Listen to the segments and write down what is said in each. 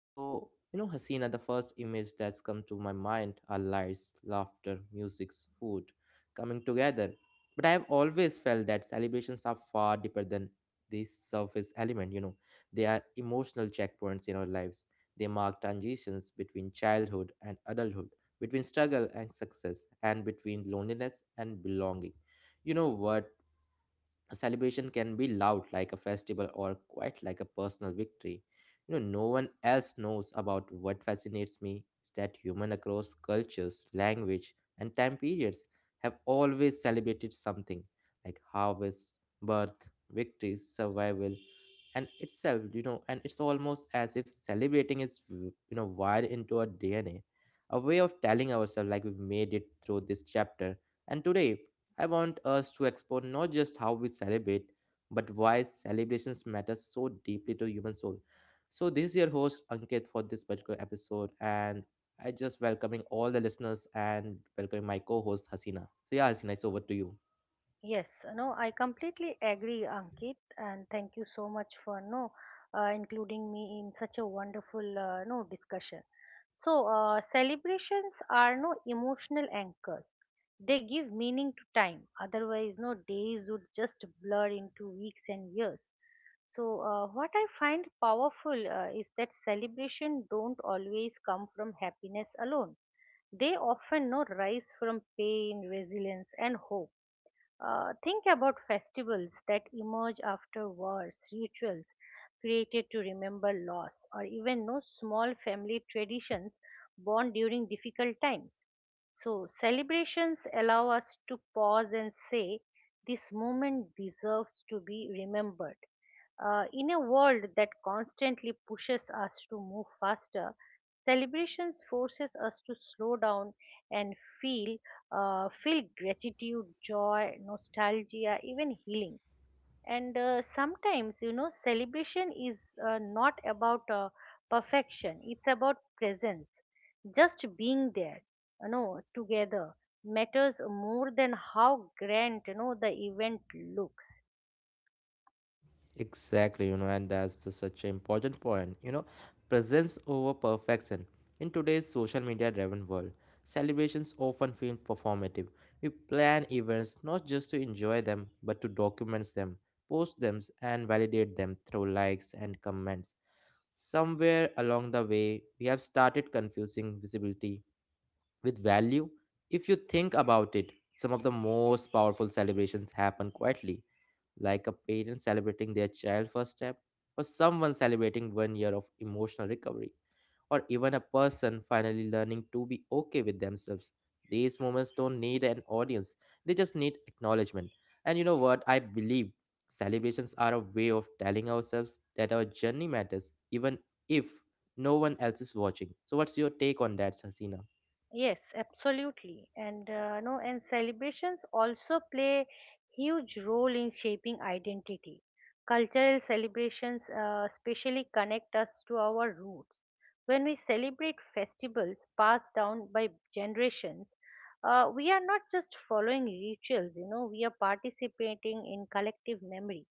so you know Hasina, the first image that's come to my mind are lights, laughter, music, food coming together. But I have always felt that celebrations are far deeper than this surface element, you know. They are emotional checkpoints in our lives. They mark transitions between childhood and adulthood, between struggle and success, and between loneliness and belonging. You know what? A celebration can be loud like a festival or quite like a personal victory. You know, no one else knows about what fascinates me is that human across cultures, language, and time periods have always celebrated something like harvest, birth, victories, survival, and itself, you know, and it's almost as if celebrating is, wired into our DNA, a way of telling ourselves like we've made it through this chapter. And today, I want us to explore not just how we celebrate, but why celebrations matter so deeply to human soul. So this is your host Ankit for this particular episode, and I just welcoming all the listeners and welcoming my co-host Hasina. So yeah, Hasina, it's over to you. Yes, no, I completely agree, Ankit, and thank you so much for no including me in such a wonderful no discussion. So, celebrations are no emotional anchors. They give meaning to time. Otherwise, no days would just blur into weeks and years. So, what I find powerful is that celebration don't always come from happiness alone. They often no rise from pain, resilience, and hope. Think about festivals that emerge after wars, rituals created to remember loss, or even no small family traditions born during difficult times. So, celebrations allow us to pause and say, "This moment deserves to be remembered." In a world that constantly pushes us to move faster, celebrations forces us to slow down and feel feel gratitude, joy, nostalgia, even healing. And sometimes, celebration is not about perfection, it's about presence. Just being there, together matters more than how grand, the event looks. Exactly, you know, and that's the, such an important point. You know, presence over perfection. In today's social media driven world, celebrations often feel performative. We plan events not just to enjoy them, but to document them, post them, and validate them through likes and comments. Somewhere along the way, we have started confusing visibility with value. If you think about it, some of the most powerful celebrations happen quietly, like a parent celebrating their child's first step, or someone celebrating one year of emotional recovery, or even a person finally learning to be okay with themselves. These moments don't need an audience, they just need acknowledgement. And you know what? I believe celebrations are a way of telling ourselves that our journey matters, even if no one else is watching. So, what's your take on that, Hasina? Yes, absolutely. And no, and celebrations also play huge role in shaping identity. Cultural celebrations especially connect us to our roots. When we celebrate festivals passed down by generations, we are not just following rituals, we are participating in collective memory.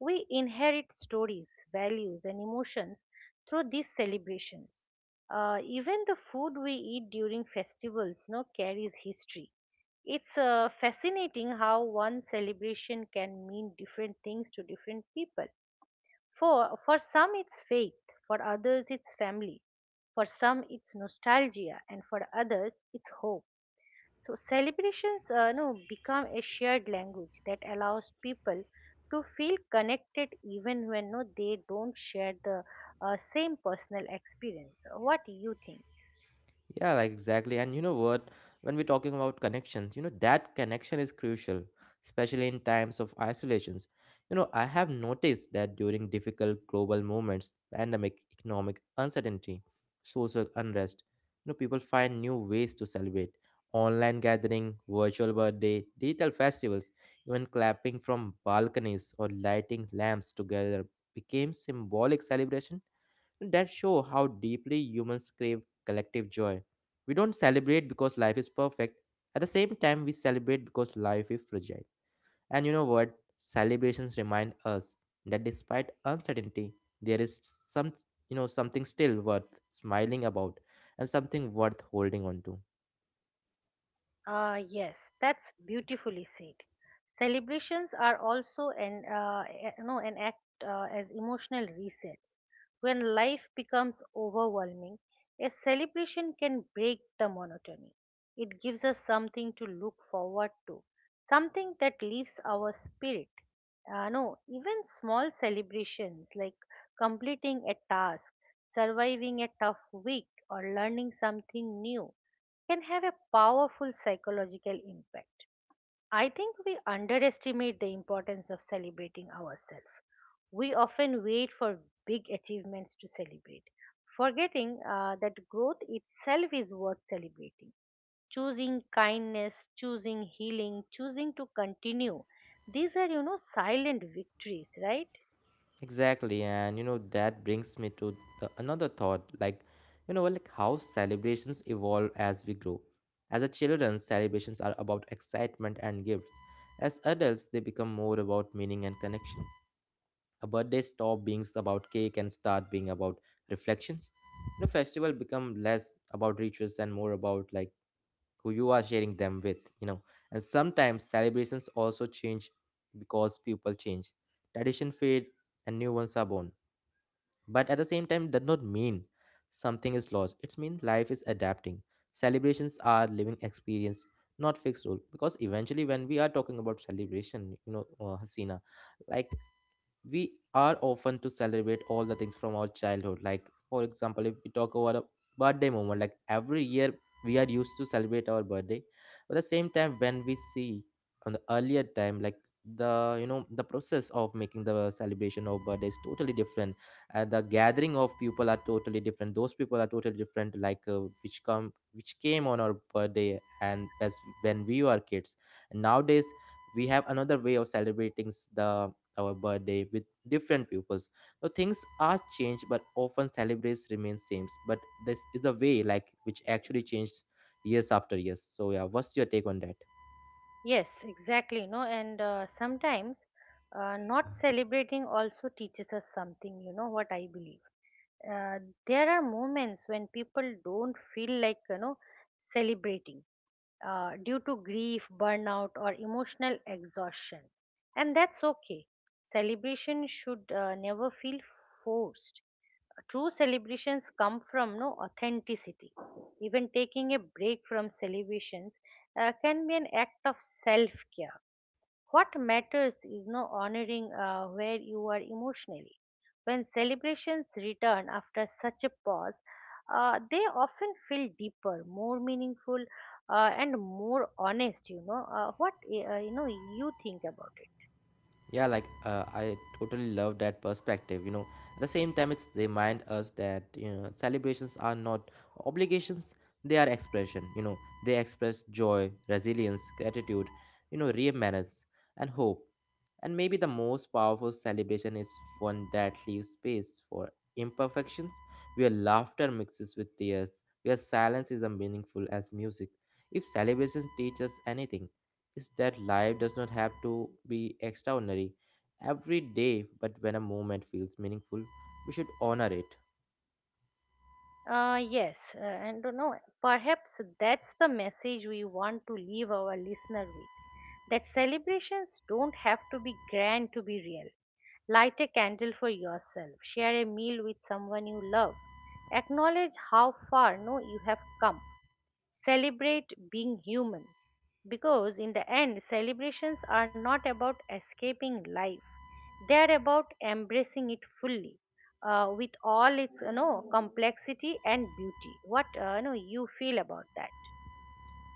We inherit stories, values, and emotions through these celebrations. Even the food we eat during festivals no, carries history. It's fascinating how one celebration can mean different things to different people. For some, it's faith, for others, it's family, for some, it's nostalgia, and for others, it's hope. So celebrations no, become a shared language that allows people to feel connected even when they don't share the same personal experience. What do you think? Yeah, like exactly. And you know what? When we're talking about connections, you know, that connection is crucial, especially in times of isolations. You know, I have noticed that during difficult global moments, pandemic, economic uncertainty, social unrest, you know, people find new ways to celebrate. Online gathering, virtual birthday, digital festivals, even clapping from balconies or lighting lamps together became symbolic celebration that show how deeply humans crave collective joy. We don't celebrate because life is perfect. At the same time, we celebrate because life is fragile. And you know what? Celebrations remind us that despite uncertainty, there is some, you know, something still worth smiling about and something worth holding on to. Ah, yes, that's beautifully said. Celebrations are also an a- you know an act as emotional resets. When life becomes overwhelming, a celebration can break the monotony. It gives us something to look forward to, something that lifts our spirit. No, even small celebrations like completing a task, surviving a tough week, or learning something new can have a powerful psychological impact. I think we underestimate the importance of celebrating ourselves. We often wait for big achievements to celebrate, forgetting that growth itself is worth celebrating. Choosing kindness, choosing healing, choosing to continue. These are, silent victories, right? Exactly, and you know that brings me to the, another thought, like you know, like how celebrations evolve as we grow. As a children, celebrations are about excitement and gifts. As adults, they become more about meaning and connection. A birthday stop being about cake and start being about reflections. You know, festival become less about rituals and more about like who you are sharing them with. You know, and sometimes celebrations also change because people change. Tradition fade and new ones are born, but at the same time, it does not mean something is lost. It means life is adapting. Celebrations are living experience, not fixed rule. Because eventually, when we are talking about celebration, you know, Hasina, like we are often to celebrate all the things from our childhood, like for example if we talk about a birthday moment, like every year we are used to celebrate our birthday, but at the same time when we see on the earlier time, like the you know the process of making the celebration of birthday is totally different and the gathering of people are totally different, those people are totally different, like which come which came on our birthday and as when we were kids. And nowadays we have another way of celebrating the our birthday with different peoples. Now things are changed, but often celebrates remain same. But this is the way like which actually changed years after years. So yeah, what's your take on that? Yes, exactly. And sometimes not celebrating also teaches us something. What I believe, uh, there are moments when people don't feel like celebrating, due to grief, burnout, or emotional exhaustion. And that's okay. Celebration should never feel forced. True celebrations come from no authenticity. Even taking a break from celebrations can be an act of self care. What matters is no honoring where you are emotionally. When celebrations return after such a pause, they often feel deeper, more meaningful, and more honest. You know what you know. You think about Yeah, like I totally love that perspective. You know, at the same time, it's remind us that you know celebrations are not obligations; they are expression. You know, they express joy, resilience, gratitude, you know, remembrance, and hope. And maybe the most powerful celebration is one that leaves space for imperfections, where laughter mixes with tears, where silence is as meaningful as music. If celebrations teach us anything, is that life does not have to be extraordinary every day, but when a moment feels meaningful, we should honor it. it. Yes, and perhaps that's the message we want to leave our listener with. That celebrations don't have to be grand to be real. Light a candle for yourself. Share a meal with someone you love. Acknowledge how far no you have come. Celebrate being human. Because in the end, celebrations are not about escaping life. They are about embracing it fully, with all its complexity and beauty. What you feel about that?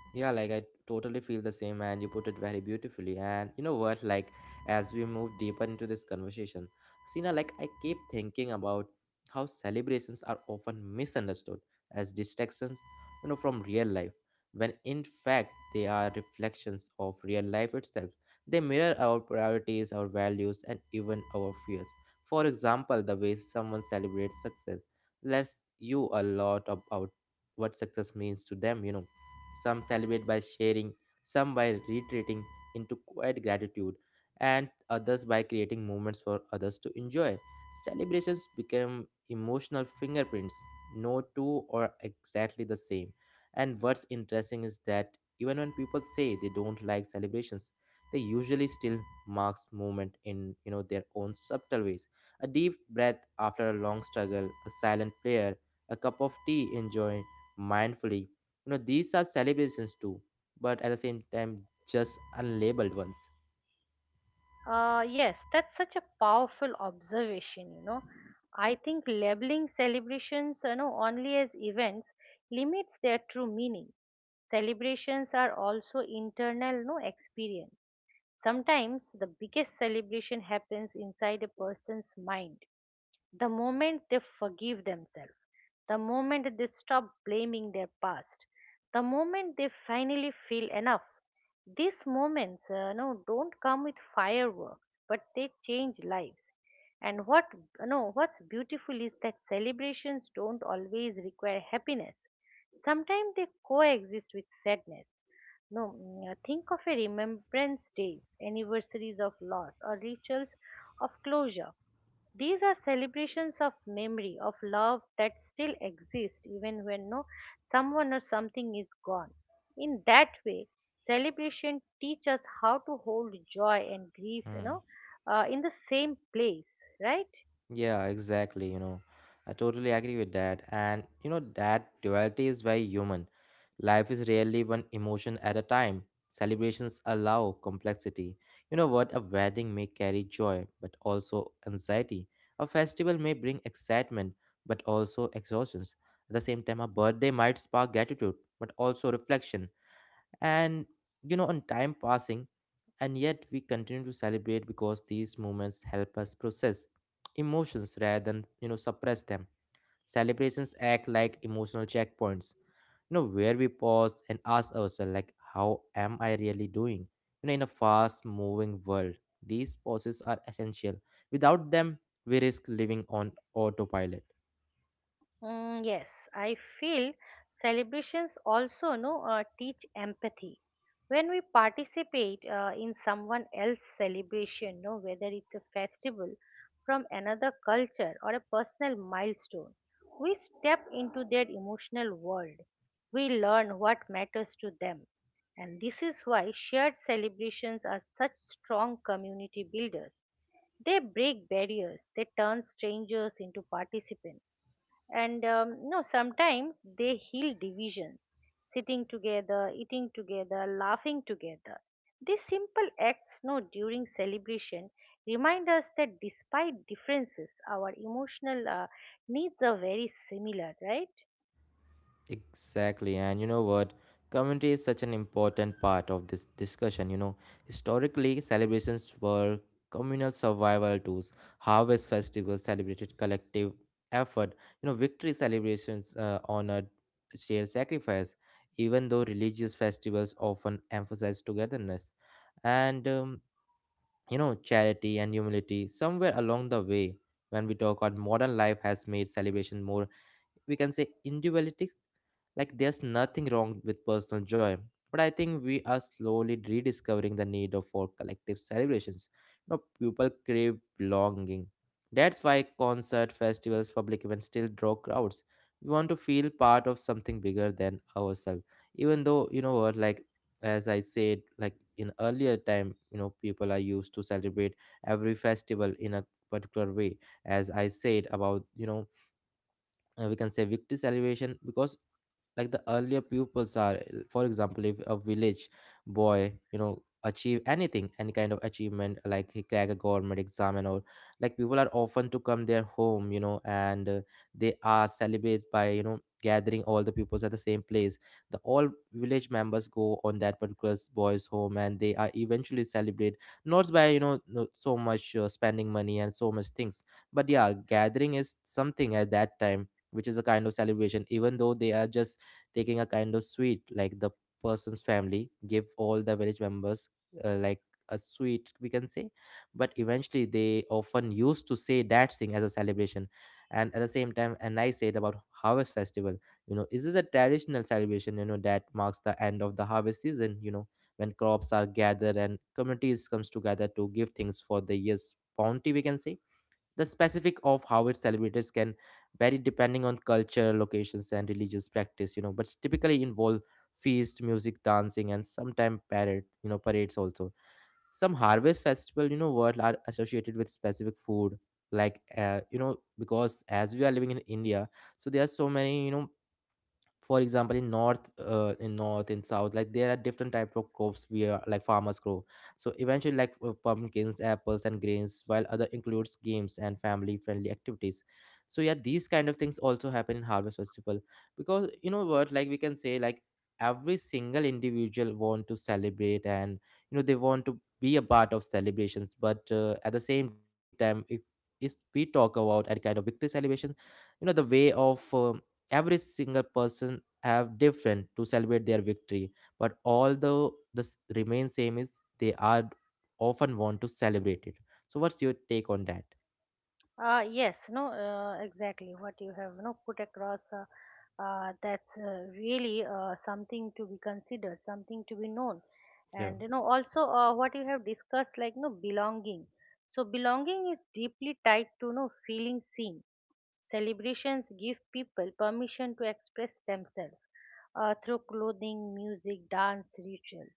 Yeah, like I totally feel the same, and you put it very beautifully. And you know what? Like, as we move deeper into this conversation, Sina, like, I keep thinking about how celebrations are often misunderstood as distractions, you know, from real life, when in fact they are reflections of real life itself. They mirror our priorities, our values, and even our fears. For example, the way someone celebrates success lets you a lot about what success means to them, you know, some celebrate by sharing, some by retreating into quiet gratitude, and others by creating moments for others to enjoy. Celebrations become emotional fingerprints. No two are exactly the same. And what's interesting is that even when people say they don't like celebrations, they usually still marks moment in you know their own subtle ways. A deep breath after a long struggle, a silent prayer, a cup of tea enjoyed mindfully, you know, these are celebrations too, but at the same time, just unlabeled ones. Yes, that's such a powerful observation. I think labeling celebrations, only as events limits their true meaning. Celebrations are also internal, no experience. Sometimes the biggest celebration happens inside a person's mind. The moment they forgive themselves, the moment that they stop blaming their past, the moment they finally feel enough, these moments don't come with fireworks, but they change lives. And what no, what's beautiful is that celebrations don't always require happiness. Sometimes they coexist with sadness. No, mm, think of a remembrance days, anniversaries of loss, or rituals of closure. These are celebrations of memory, of love that still exists even when no someone or something is gone. In that way, celebration teach us how to hold joy and grief, Hmm. In the same place, right? Yeah, exactly. You know, I totally agree with that. And you know, that duality is very human. Life is rarely one emotion at a time. Celebrations allow complexity. You know what? A wedding may carry joy, but also anxiety. A festival may bring excitement, but also exhaustions. At the same time, a birthday might spark gratitude, but also reflection. And you know, on time passing, and yet, we continue to celebrate because these moments help us process emotions rather than, you know, suppress them. Celebrations act like emotional checkpoints, you know, where we pause and ask ourselves, like, how am I really doing? You know, in a fast moving world, these pauses are essential. Without them, we risk living on autopilot. Mm, yes, I feel celebrations also no teach empathy. When we participate in someone else's celebration, no, whether it's a festival from another culture or a personal milestone, we step into their emotional world. We learn what matters to them, and this is why shared celebrations are such strong community builders. They break barriers. They turn strangers into participants, and no sometimes they heal divisions. Sitting together, eating together, laughing together, these simple acts no during celebration remind us that despite differences our emotional needs are very similar, right? Exactly, and you know what? Community is such an important part of this discussion. You know, historically, celebrations were communal survival tools. Harvest festivals celebrated collective effort. You know, victory celebrations honored shared sacrifice, even though religious festivals often emphasize togetherness. And, you know, charity and humility, somewhere along the way, when we talk about modern life, has made celebration more, we can say, individualistic. Like, there's nothing wrong with personal joy, but I think we are slowly rediscovering the need of for collective celebrations. You know, people crave belonging. That's why concert, festivals, public events still draw crowds. We want to feel part of something bigger than ourselves. Even though, you know what, like as I said, like in earlier time, you know, people are used to celebrate every festival in a particular way. As I said about, you know, we can say victory celebration, because like the earlier pupils are, for example, if a village boy you know achieve anything, any kind of achievement like he crack a government exam and all, like people are often to come their home, you know, and they are celebrate by you know gathering all the pupils at the same place, the all village members go on that particular boy's home and they are eventually celebrate, not by you know so much spending money and so much things, but yeah gathering is something at that time which is a kind of celebration, even though they are just taking a kind of sweet, like the person's family give all the village members like a sweet, we can say, but eventually they often used to say that thing as a celebration. And at the same time, and I said about harvest festival, you know, this is a traditional celebration, you know, that marks the end of the harvest season, you know, when crops are gathered and communities comes together to give things for the year's bounty, we can say the specific of how it's celebrated can vary depending on culture, locations, and religious practice, you know, but typically involve feast, music, dancing, and sometimes parade, you know, parades also. Some harvest festival, what are associated with specific food, like because as we are living in India, so there are so many, for example in south, like there are different types of crops we are, like farmers grow. So eventually, like, pumpkins, apples, and grains, while other includes games and family friendly activities. So yeah, these kind of things also happen in harvest festival, because you know what, like we can say like every single individual want to celebrate, and they want to be a part of celebrations. But at the same time, if we talk about any kind of victory celebration, the way of every single person have different to celebrate their victory. But although this remains same is they are often want to celebrate it. So what's your take on that? Yes, no, exactly what you have, put across. That's really something to be considered, something to be known, Yeah. and also what you have discussed, like no belonging. So belonging is deeply tied to no feeling seen. Celebrations give people permission to express themselves through clothing, music, dance, rituals.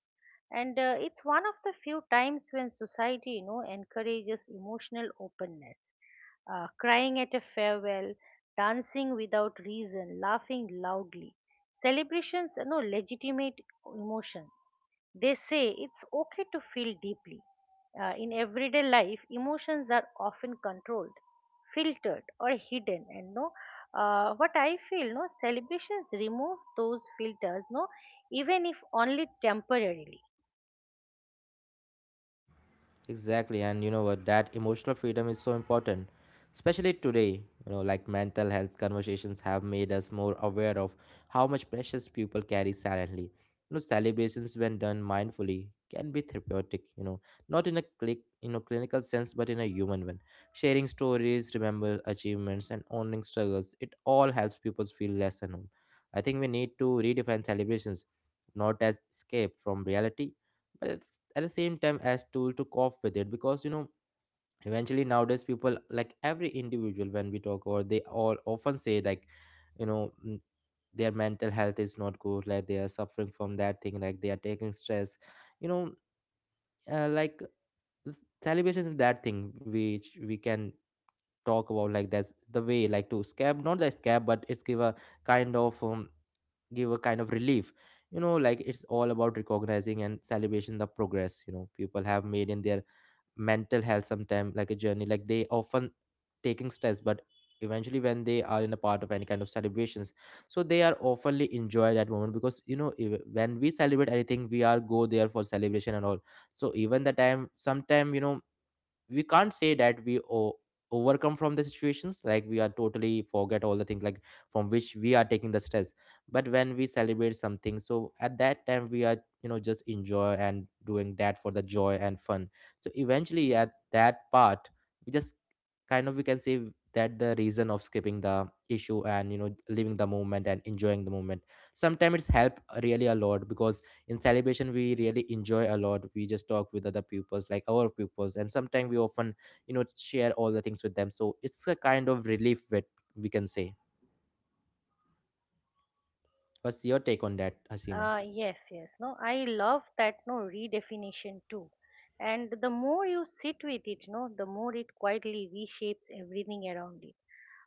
And it's one of the few times when society, encourages emotional openness. Crying at a farewell, dancing without reason, laughing loudly. Celebrations, legitimate emotions. They say it's okay to feel deeply. In everyday life, emotions are often controlled, filtered, or hidden. And what I feel, no, celebrations remove those filters, even if only temporarily. Exactly, and you know what? That emotional freedom is so important, especially today. Like, mental health conversations have made us more aware of how much precious people carry silently. Celebrations, when done mindfully, can be therapeutic. Not in a clinical sense, but in a human one. Sharing stories, remember achievements, and owning struggles. It all helps people feel less alone. I think we need to redefine celebrations, not as escape from reality, but it's, at the same time, as tool to cope with it, because eventually nowadays people, like every individual, when we talk, or they all often say like, you know mm, their mental health is not good, like they are suffering from that thing, like they are taking stress, you know like celebration is that thing which we can talk about, like that's the way, like to scab, not like scab, but it's give a kind of give a kind of relief. You know, like it's all about recognizing and celebration the progress people have made in their mental health sometime, like a journey, like they often taking stress, but eventually when they are in a part of any kind of celebrations, so they are oftenly enjoy that moment, because when we celebrate anything, we are go there for celebration and all. So even the time sometime, we can't say that we overcome from the situations, like we are totally forget all the things, like from which we are taking the stress. But when we celebrate something, so at that time we are, just enjoy and doing that for the joy and fun. So eventually at that part, we just, kind of, we can say that the reason of skipping the issue, and living the moment and enjoying the moment, sometimes it's help really a lot, because in celebration we really enjoy a lot, we just talk with other pupils, like our pupils, and sometimes we often, share all the things with them. So it's a kind of relief that, we can say. What's your take on that, Hasina? Yes, yes. No, I love that no redefinition too. And the more you sit with it, no, the more it quietly reshapes everything around it.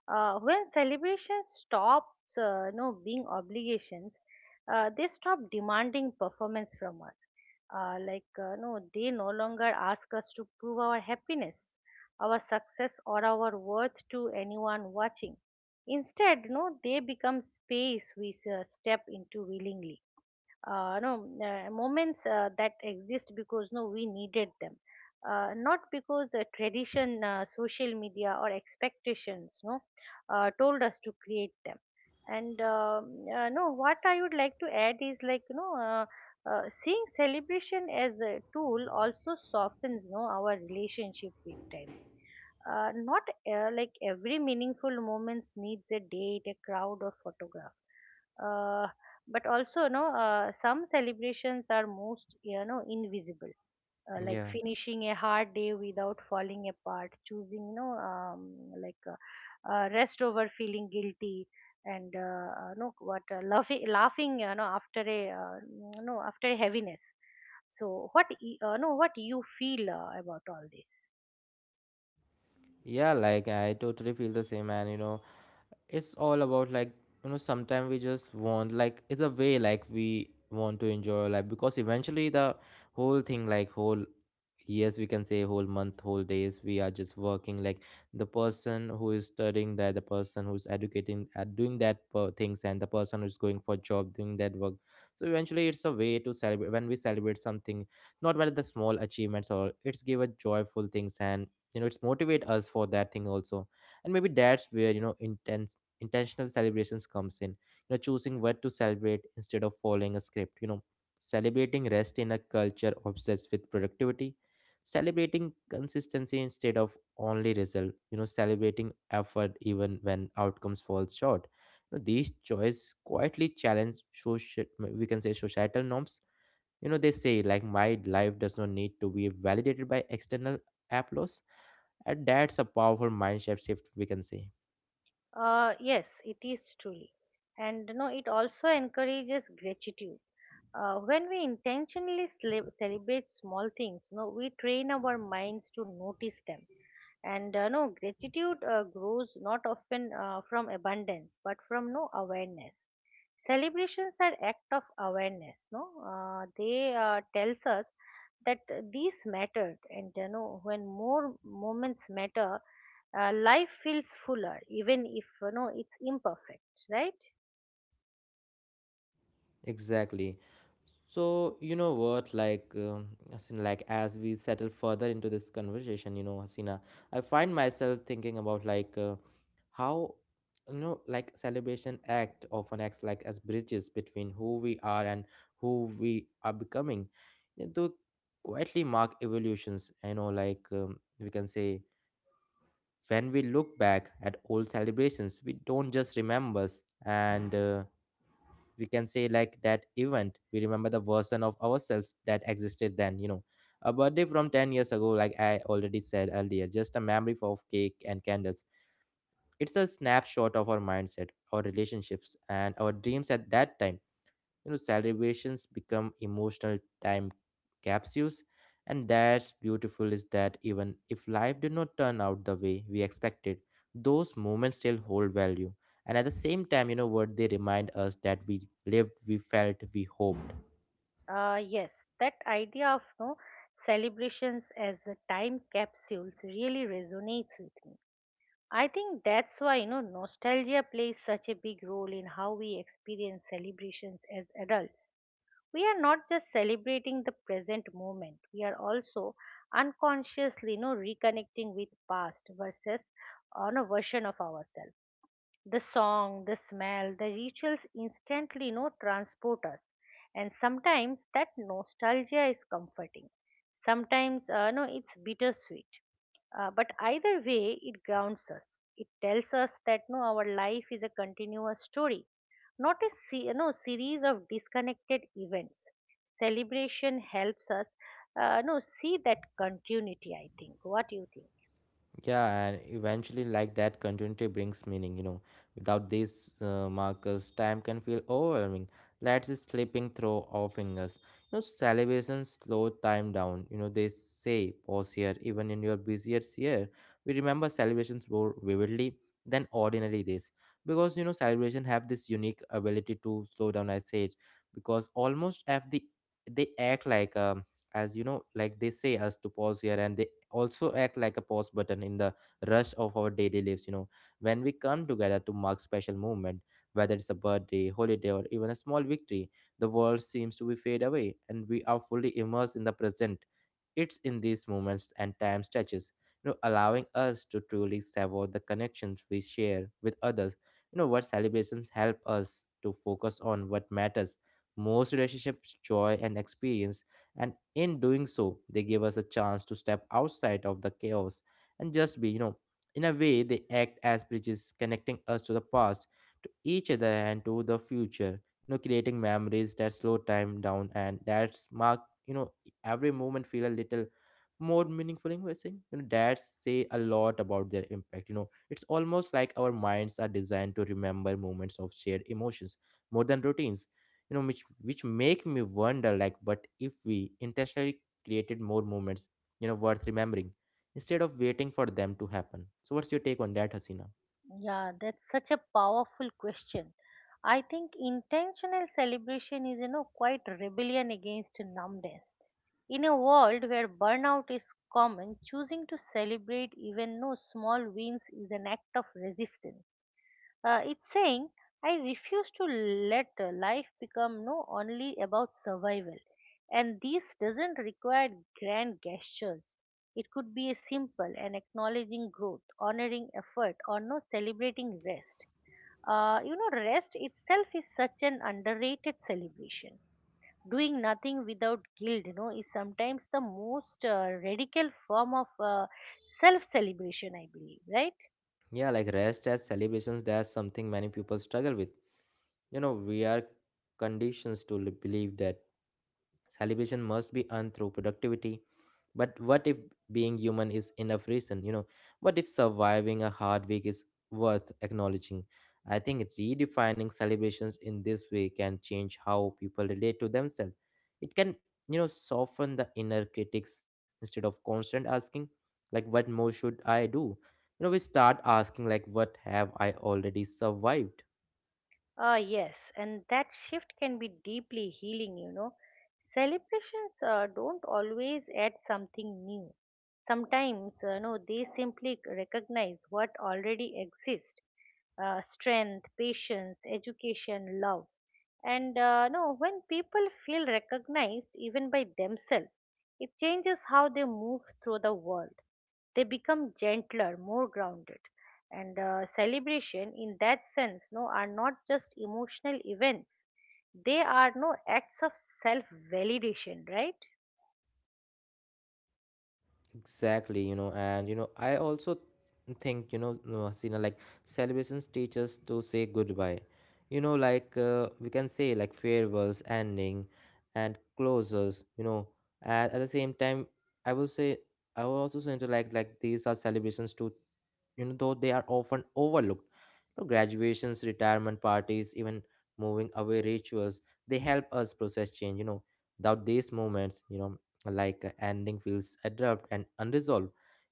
When celebrations stops, no, being obligations, they stop demanding performance from us. Like, they no longer ask us to prove our happiness, our success, or our worth to anyone watching. Instead, no, they become space we step into willingly, no moments that exist because we needed them, not because tradition, social media, or expectations no told us to create them. And um uh, no what i would like to add is like, seeing celebration as a tool also softens no our relationship with time. Not like every meaningful moments needs a date, a crowd, or photograph, uh, but also, some celebrations are most, invisible, like Yeah. finishing a hard day without falling apart, choosing, like, rest over feeling guilty, and no what laughing, after a, after a heaviness. So what y- no what you feel, about all this? Yeah, like I totally feel the same, and it's all about, like, sometimes we just want, like, it's a way, like we want to enjoy our life, because eventually the whole thing, like whole years, we can say, whole month, whole days, we are just working. Like, the person who is studying, that the person who's educating at doing that things, and the person who's going for job doing that work. So eventually it's a way to celebrate. When we celebrate something, not whether the small achievements, or it's give a joyful things, and it's motivate us for that thing also. And maybe that's where, intense intentional celebrations comes in. You know, choosing what to celebrate instead of following a script, celebrating rest in a culture obsessed with productivity, celebrating consistency instead of only result, celebrating effort even when outcomes falls short. You know, these choices quietly challenge social, we can say societal norms. You know, they say, like, my life does not need to be validated by external applause, and that's a powerful mindset shift, we can say. Yes, it is truly. And no it also encourages gratitude. When we intentionally celebrate small things, we train our minds to notice them. And gratitude grows not often from abundance but from no awareness. Celebrations are act of awareness. No uh, they tells us that these mattered. And when more moments matter, life feels fuller, even if it's imperfect, right? Exactly. So, you know what, like, Hasina, like as we settle further into this conversation, Hasina, I find myself thinking about, like, how, like celebration act often acts like as bridges between who we are and who we are becoming. They do quietly mark evolutions, like we can say, when we look back at old celebrations, we don't just remember and. We can say, like that event we remember the version of ourselves that existed then. You know, a birthday from 10 years ago, like I already said earlier, just a memory of cake and candles, it's a snapshot of our mindset, our relationships, and our dreams at that time. You know, celebrations become emotional time capsules, and that's beautiful, is that even if life did not turn out the way we expected, those moments still hold value. And at the same time, you know what, they remind us that we lived, we felt, we hoped. Yes, that idea of no celebrations as a time capsules really resonates with me. I think that's why nostalgia plays such a big role in how we experience celebrations as adults. We are not just celebrating the present moment; we are also unconsciously reconnecting with past versus on a version of ourselves. The song, the smell, the rituals instantly, transport us. And sometimes that nostalgia is comforting. Sometimes no, it's bittersweet. But either way, it grounds us. It tells us that no, our life is a continuous story, not a series of disconnected events. Celebration helps us no, see that continuity, I think. What do you think? Yeah, and eventually, like that, continuity brings meaning. Without these markers, time can feel overwhelming. Let's just slipping through our fingers. Celebrations slow time down. They say pause here, even in your busiest year. We remember celebrations more vividly than ordinary days, because celebration have this unique ability to slow down. I said, because almost have the, they act like, as like, they say us to pause here, and they also act like a pause button in the rush of our daily lives. You know, when we come together to mark special moment, whether it's a birthday, holiday, or even a small victory, the world seems to be fade away and we are fully immersed in the present. It's in these moments and time stretches, allowing us to truly savour the connections we share with others. What celebrations help us to focus on, what matters most: relationships, joy, and experience. And in doing so, they give us a chance to step outside of the chaos and just be. You know, in a way, they act as bridges connecting us to the past, to each other, and to the future. You know, creating memories that slow time down, and that's mark, you know every moment feel a little more meaningful in voicing, that say a lot about their impact. You know, it's almost like our minds are designed to remember moments of shared emotions more than routines. You know, which make me wonder, like, what if we intentionally created more moments, worth remembering, instead of waiting for them to happen. So what's your take on that, Hasina? Yeah, that's such a powerful question. I think intentional celebration is, quite rebellion against numbness. In a world where burnout is common, choosing to celebrate even no small wins is an act of resistance. It's saying, I refuse to let life become no only about survival. And this doesn't require grand gestures. It could be a simple and acknowledging growth, honoring effort, or no celebrating rest. Rest itself is such an underrated celebration. Doing nothing without guilt, is sometimes the most radical form of self-celebration, I believe, right? Yeah, like rest as celebrations, that's something many people struggle with. You know, we are conditioned to believe that celebration must be earned through productivity. But what if being human is enough reason? What if surviving a hard week is worth acknowledging? I think redefining celebrations in this way can change how people relate to themselves. It can, soften the inner critics instead of constant asking, like, what more should I do? We start asking, like, what have I already survived? Ah, yes, and that shift can be deeply healing. Celebrations don't always add something new. Sometimes, no, they simply recognize what already exists: strength, patience, education, love. And no, when people feel recognized, even by themselves, it changes how they move through the world. They become gentler, more grounded. And celebration, in that sense, are not just emotional events. They are no acts of self validation, right? Exactly, and I also think, no, Hasina, like celebrations teach us to say goodbye. Like, we can say, like farewells, ending, and closures. And at the same time, I will say I will also say to, like these are celebrations too, though they are often overlooked. Graduations, retirement parties, even moving away rituals, they help us process change. Without these moments, ending feels abrupt and unresolved.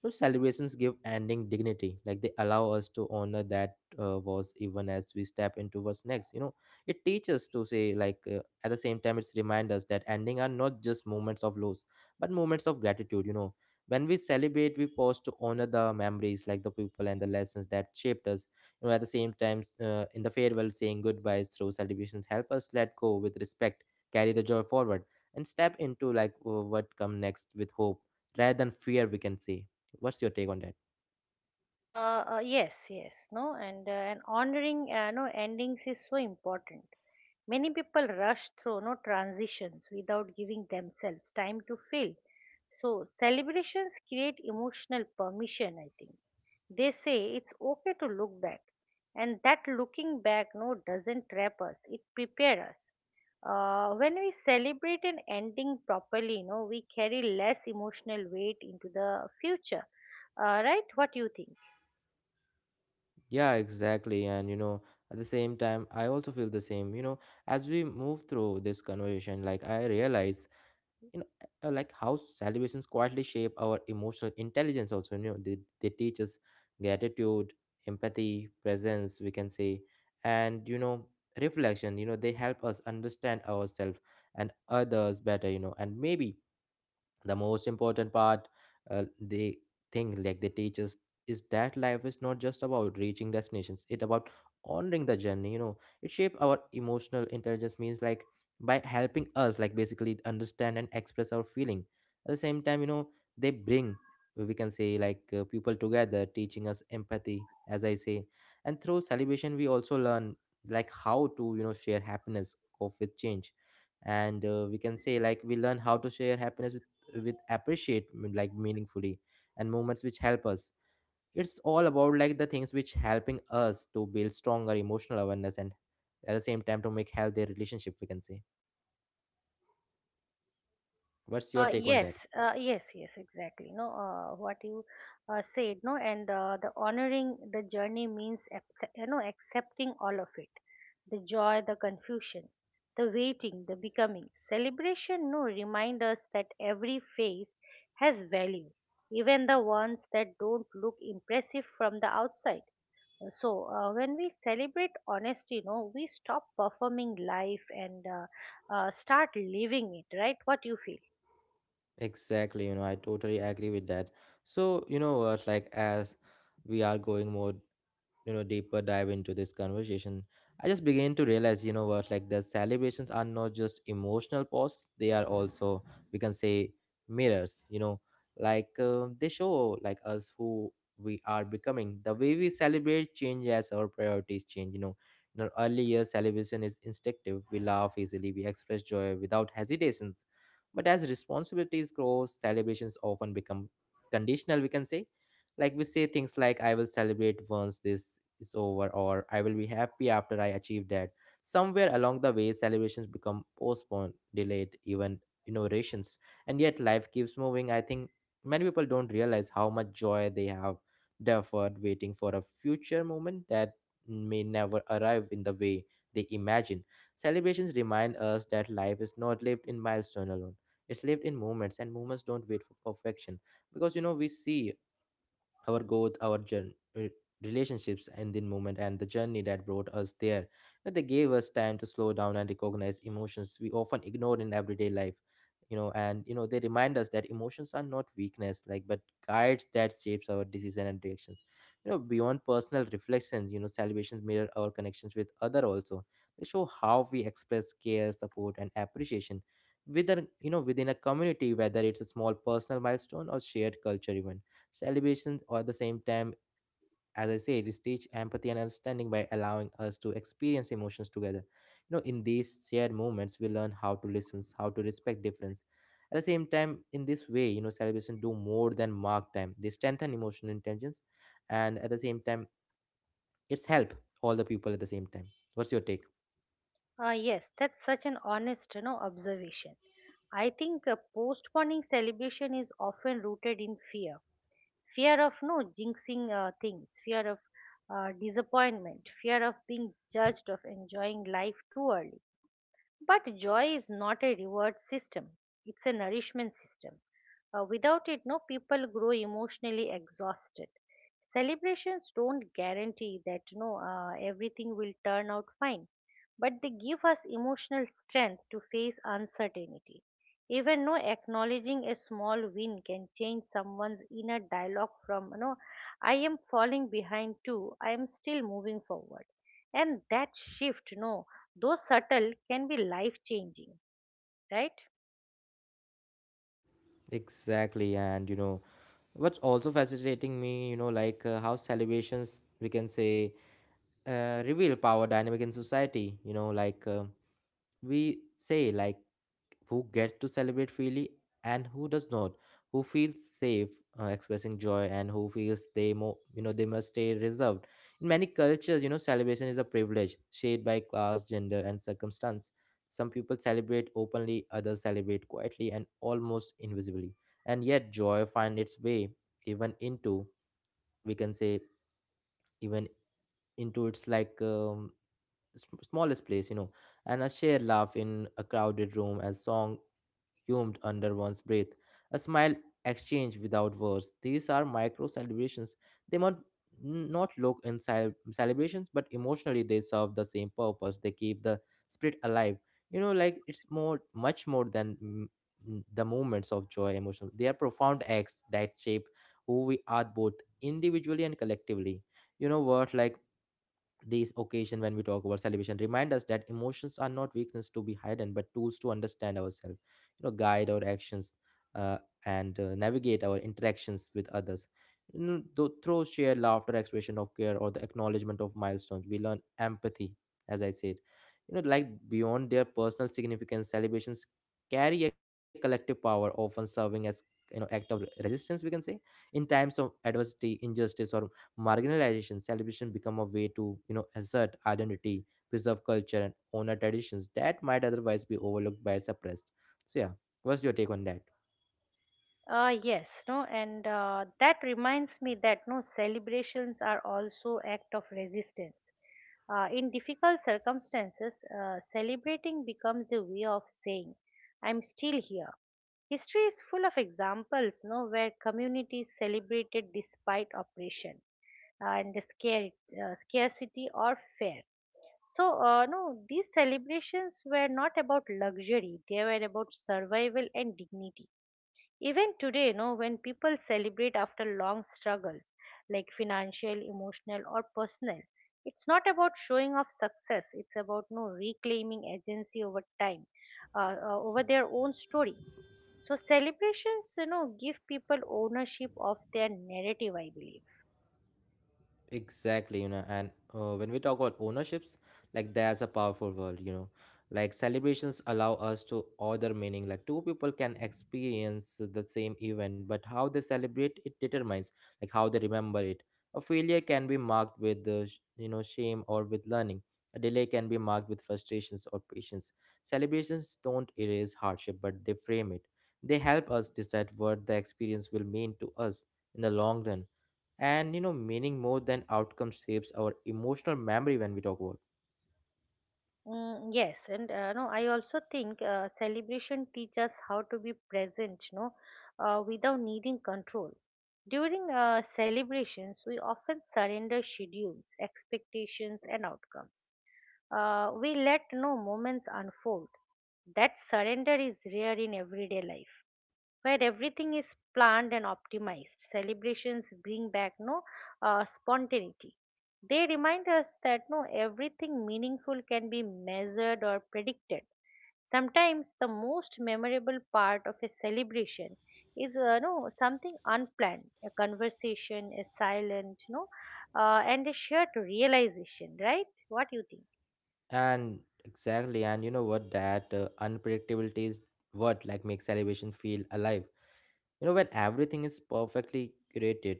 Celebrations give ending dignity, like they allow us to honor that was, even as we step into what's next. It teaches to say, like, at the same time, it's remind us that ending are not just moments of loss, but moments of gratitude. You know, when we celebrate we pause to honor the memories, like the people and the lessons that shaped us. You know, at the same time, in the farewell, saying goodbyes through celebrations help us let go with respect, carry the joy forward, and step into what come next with hope rather than fear, we can say. What's your take on that? Yes, yes, and honoring no endings is so important. Many people rush through transitions without giving themselves time to feel. So celebrations create emotional permission. I think they say it's okay to look back, and that looking back doesn't trap us. It prepares us. When we celebrate an ending properly, you know, we carry less emotional weight into the future. Right? What do you think? Yeah, exactly, and you know, at the same time I also feel the same. You know, as we move through this conversation, like I realize, you know, like how celebrations quietly shape our emotional intelligence also. You know, they teach us gratitude, empathy, presence, we can say, and you know, reflection. You know, they help us understand ourselves and others better. You know, and maybe the most important part, they think, like, they teach us is that life is not just about reaching destinations, it's about honoring the journey. You know, it shape our emotional intelligence, means like, by helping us, like, basically understand and express our feeling. At the same time, you know, they bring, we can say, like, people together, teaching us empathy as I say. And through celebration we also learn, like how to, you know, share happiness, cope with change, and we can say, like, we learn how to share happiness with appreciate, like, meaningfully, and moments which help us. It's all about, like, the things which helping us to build stronger emotional awareness and, at the same time, to make healthy relationship, we can say. What's your take on that? Yes, yes, yes, exactly. No, what you said, no, and the honoring the journey means, you know, accepting all of it, the joy, the confusion, the waiting, the becoming. Celebration, no, remind us that every phase has value, even the ones that don't look impressive from the outside. So, when we celebrate honesty, no, we stop performing life and start living it, right? What you feel? Exactly, you know, I totally agree with that. So, you know what, like, as we are going more, you know, deeper dive into this conversation, I just began to realize, you know what, like the celebrations are not just emotional posts, they are also, we can say, mirrors. You know, like, they show, like, us who we are becoming. The way we celebrate change as our priorities change, you know. In our early years, celebration is instinctive, we laugh easily, we express joy without hesitations. But as responsibilities grow, celebrations often become conditional, we can say. Like, we say things like, I will celebrate once this is over, or I will be happy after I achieve that. Somewhere along the way, celebrations become postponed, delayed, even innovations. And yet, life keeps moving. I think many people don't realize how much joy they have deferred, waiting for a future moment that may never arrive in the way they imagine. Celebrations remind us that life is not lived in milestone alone. It's lived in moments, and moments don't wait for perfection. Because, you know, we see our growth, our journey, relationships, and the moment and the journey that brought us there. But they gave us time to slow down and recognize emotions we often ignore in everyday life. You know, and you know, they remind us that emotions are not weakness, like, but guides that shapes our decision and reactions. You know, beyond personal reflections, you know, celebrations mirror our connections with other also. They show how we express care, support, and appreciation within, you know, within a community, whether it's a small personal milestone or shared culture event. Celebrations, or at the same time, as I said, is teach empathy and understanding by allowing us to experience emotions together. You know, in these shared moments, we learn how to listen, how to respect difference. At the same time, in this way, you know, celebration do more than mark time. They strengthen emotional intelligence, and at the same time, it's help all the people at the same time. What's your take? Ah, yes, that's such an honest, you know, observation. I think postponing celebration is often rooted in fear, fear of no jinxing things, fear of disappointment, fear of being judged of enjoying life too early. But joy is not a reward system, it's a nourishment system. Without it, no people grow emotionally exhausted. Celebrations don't guarantee that no everything will turn out fine, but they give us emotional strength to face uncertainty. Even no acknowledging a small win can change someone's inner dialogue from, you know, I am falling behind too, I am still moving forward. And that shift, no though subtle, can be life changing, right? Exactly, and you know, what's also fascinating me, you know, like how celebrations, we can say, reveal power dynamic in society. You know, like. We say like, who gets to celebrate freely and who does not, who feels safe expressing joy and who feels they you know, they must stay reserved. In many cultures, you know, celebration is a privilege shaped by class, gender, and circumstance. Some people celebrate openly, others celebrate quietly and almost invisibly. And yet joy finds its way even into, we can say, even into its like smallest place, you know. And a shared laugh in a crowded room, a song hummed under one's breath, a smile exchanged without words. These are micro celebrations. They might not look in celebrations, but emotionally they serve the same purpose. They keep the spirit alive. You know, like, it's more, much more than the moments of joy, emotional. They are profound acts that shape who we are, both individually and collectively. You know what? Like, these occasion when we talk about celebration remind us that emotions are not weakness to be hidden but tools to understand ourselves, you know, guide our actions, uh, and navigate our interactions with others. You know, through shared laughter, expression of care, or the acknowledgement of milestones, we learn empathy, as I said. You know, like, beyond their personal significance, celebrations carry a collective power, often serving as, you know, act of resistance, we can say. In times of adversity, injustice, or marginalization, celebration become a way to, you know, assert identity, preserve culture, and honor traditions that might otherwise be overlooked by suppressed. So yeah, what's your take on that? Yes, no, and that reminds me that no celebrations are also act of resistance. In difficult circumstances, celebrating becomes a way of saying, "I'm still here." History is full of examples, no, where communities celebrated despite oppression and scarcity or fear. So, these celebrations were not about luxury, they were about survival and dignity. Even today, no, when people celebrate after long struggles, like financial, emotional, or personal, it's not about showing off success, it's about no reclaiming agency over time, over their own story. So, celebrations, you know, give people ownership of their narrative, I believe. Exactly, you know, and when we talk about ownerships, like there's a powerful word, you know, like celebrations allow us to order meaning. Like two people can experience the same event, but how they celebrate it determines like how they remember it. A failure can be marked with the you know, shame, or with learning. A delay can be marked with frustrations or patience. Celebrations don't erase hardship, but they frame it. They help us decide what the experience will mean to us in the long run, and you know, meaning more than outcome shapes our emotional memory when we talk about. Mm, yes, and no, I also think celebration teach us how to be present, without needing control. During celebrations, we often surrender schedules, expectations, and outcomes. We let no moments unfold. That surrender is rare in everyday life where everything is planned and optimized. Celebrations bring back no spontaneity. They remind us that no everything meaningful can be measured or predicted. Sometimes the most memorable part of a celebration is no something unplanned, a conversation, a silent, no, and a shared realization. Right? What do you think? And exactly, and you know what, that unpredictability is what, like, makes celebration feel alive. You know, when everything is perfectly curated,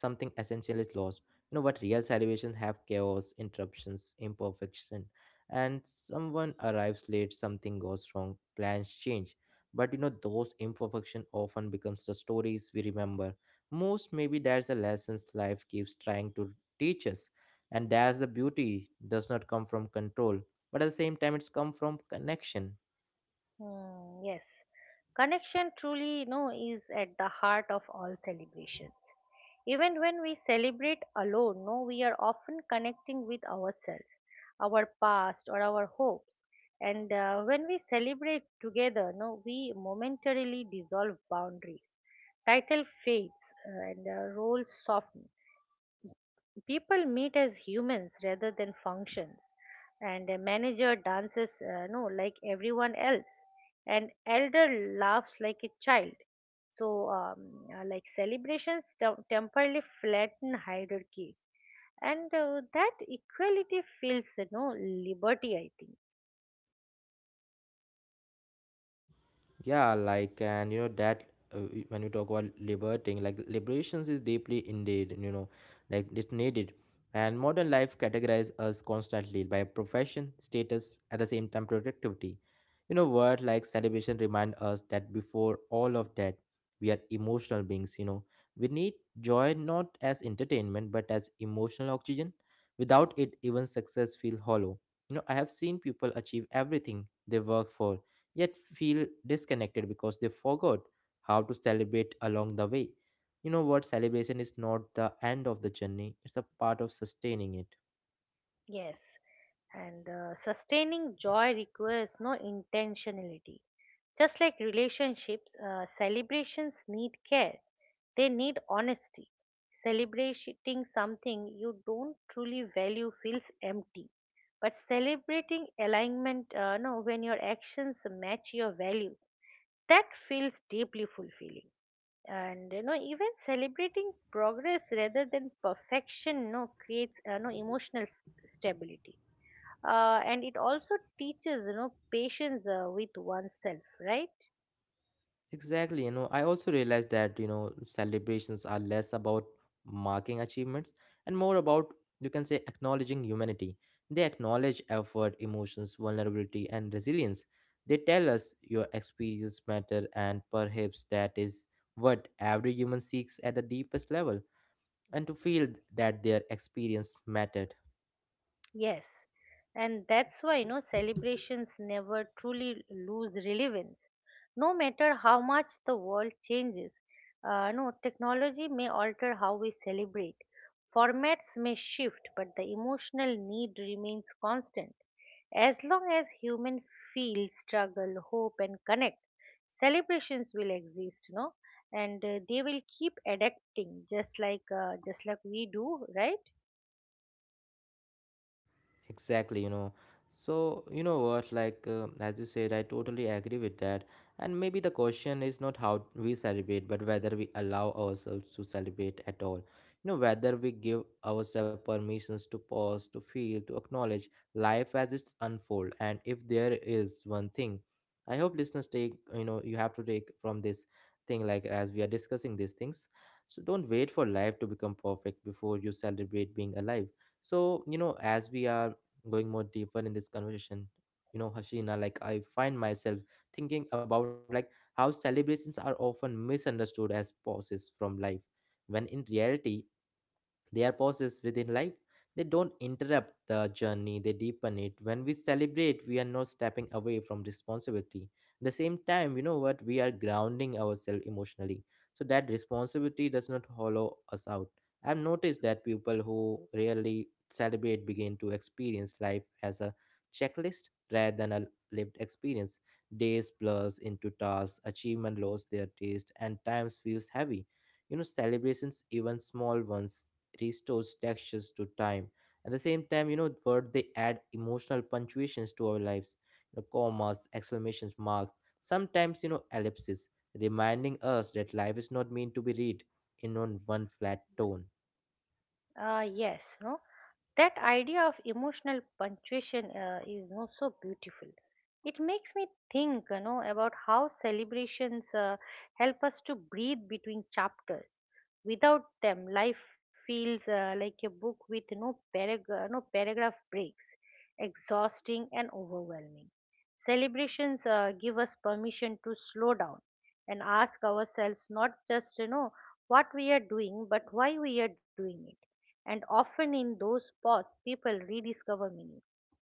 something essential is lost. You know what, real celebrations have chaos, interruptions, imperfection, and someone arrives late, something goes wrong, plans change. But you know, those imperfection often becomes the stories we remember. Most maybe there's a lessons life keeps trying to teach us. And that's the beauty, does not come from control, but at the same time it's come from connection. Hmm, yes. Connection truly, you know, is at the heart of all celebrations. Even when we celebrate alone, no, we are often connecting with ourselves, our past, or our hopes. And when we celebrate together, no, we momentarily dissolve boundaries. Title fades and roles soften. People meet as humans rather than functions. And a manager dances no like everyone else, and elder laughs like a child. So like celebrations temporarily flatten hierarchies, and that equality feels, you know, liberty, I think. Yeah, like, and you know that when you talk about liberating, like, liberations is deeply indeed, you know, like, it's needed. And modern life categorizes us constantly by profession, status, at the same time productivity. You know, word like celebration remind us that before all of that, we are emotional beings. You know, we need joy not as entertainment but as emotional oxygen. Without it, even success feel hollow. You know, I have seen people achieve everything they work for yet feel disconnected because they forgot how to celebrate along the way. You know what? Celebration is not the end of the journey, it's a part of sustaining it. Yes. And sustaining joy requires no intentionality. Just like relationships, celebrations need care, they need honesty. Celebrating something you don't truly value feels empty. But celebrating alignment, no, when your actions match your value, that feels deeply fulfilling. And you know, even celebrating progress rather than perfection, creates no emotional stability, and it also teaches, you know, patience with oneself, right? Exactly. You know, I also realized that, you know, celebrations are less about marking achievements and more about, you can say, acknowledging humanity. They acknowledge effort, emotions, vulnerability, and resilience. They tell us your experience matter, and perhaps that is what every human seeks at the deepest level, and to feel that their experience mattered. Yes, and that's why, you know, celebrations never truly lose relevance no matter how much the world changes. No Technology may alter how we celebrate. Formats may shift, but the emotional need remains constant. As long as humans feel struggle, hope, and connect, celebrations will exist, you know, and they will keep adapting, just like we do, right? Exactly, you know. So, you know what, like, as you said, I totally agree with that. And maybe the question is not how we celebrate, but whether we allow ourselves to celebrate at all. You know, whether we give ourselves permissions to pause, to feel, to acknowledge life as it's unfold. And if there is one thing, I hope listeners take, you know, you have to take from this thing, like, as we are discussing these things. So don't wait for life to become perfect before you celebrate being alive. So, you know, as we are going more deeper in this conversation, you know, Hashina, like I find myself thinking about, like, how celebrations are often misunderstood as pauses from life, when in reality they are pauses within life. They don't interrupt the journey, they deepen it. When we celebrate, we are not stepping away from responsibility. At the same time, you know what? We are grounding ourselves emotionally, so that responsibility does not hollow us out. I've noticed that people who rarely celebrate begin to experience life as a checklist rather than a lived experience. Days blurs into tasks, achievement lose their taste, and times feels heavy. You know, celebrations, even small ones, restores textures to time. At the same time, you know, word they add emotional punctuations to our lives, you know, commas, exclamation marks, sometimes, you know, ellipses, reminding us that life is not meant to be read in on one flat tone. Yes. no. That idea of emotional punctuation is no so beautiful. It makes me think, you know, about how celebrations help us to breathe between chapters. Without them, life feels like a book with no paragraph breaks, exhausting and overwhelming. Celebrations give us permission to slow down and ask ourselves not just, you know, what we are doing, but why we are doing it. And often in those pause, people rediscover meaning.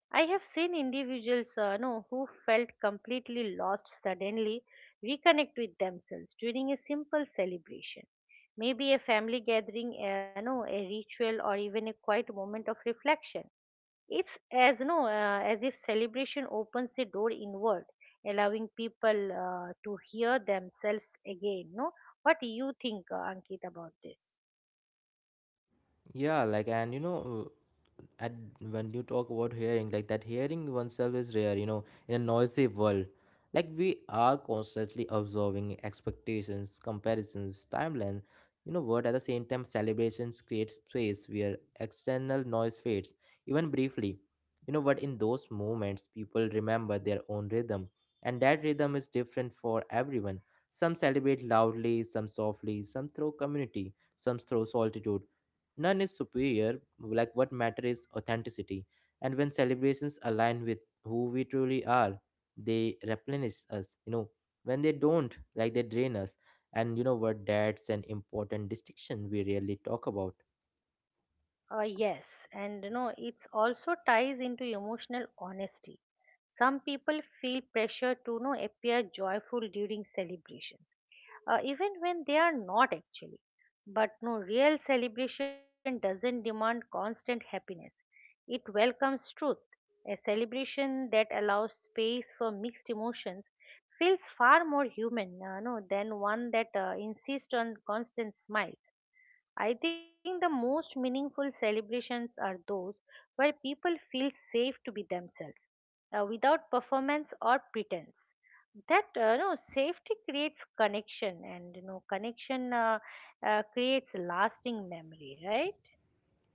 I have seen individuals no, who felt completely lost suddenly reconnect with themselves during a simple celebration. Maybe a family gathering, no, a ritual, or even a quiet moment of reflection. It's as if celebration opens the door inward, allowing people to hear themselves again. No, What do you think, Ankit, about this? Yeah, like, and you know, at when you talk about hearing, like, that hearing oneself is rare, you know, in a noisy world, like, we are constantly observing expectations, comparisons, timeline. You know what, at the same time celebrations create space where external noise fades, even briefly. You know what, in those moments people remember their own rhythm, and that rhythm is different for everyone. Some celebrate loudly, some softly, some through community, some through solitude. None is superior, like, what matter is authenticity. And when celebrations align with who we truly are, they replenish us, you know. When they don't, like, they drain us. And you know what, that's an important distinction we rarely talk about. Yes, and no, it's also ties into emotional honesty. Some people feel pressure to no appear joyful during celebrations, even when they are not actually. But real celebration doesn't demand constant happiness. It welcomes truth. A celebration that allows space for mixed emotions feels far more human, no, than one that insists on constant smile. I think the most meaningful celebrations are those where people feel safe to be themselves, without performance or pretense. That no safety creates connection, and you know connection creates lasting memory, right?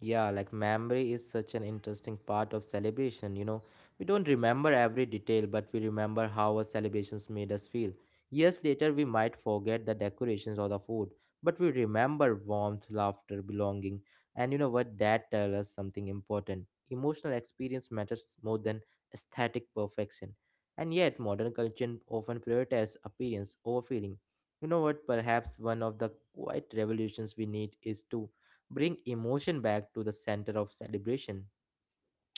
Yeah, like, memory is such an interesting part of celebration, you know. We don't remember every detail, but we remember how our celebrations made us feel. Years later, we might forget the decorations or the food, but we remember warmth, laughter, belonging. And you know what? That tells us something important. Emotional experience matters more than aesthetic perfection. And yet, modern culture often prioritizes appearance over feeling. You know what? Perhaps one of the quiet revolutions we need is to bring emotion back to the center of celebration.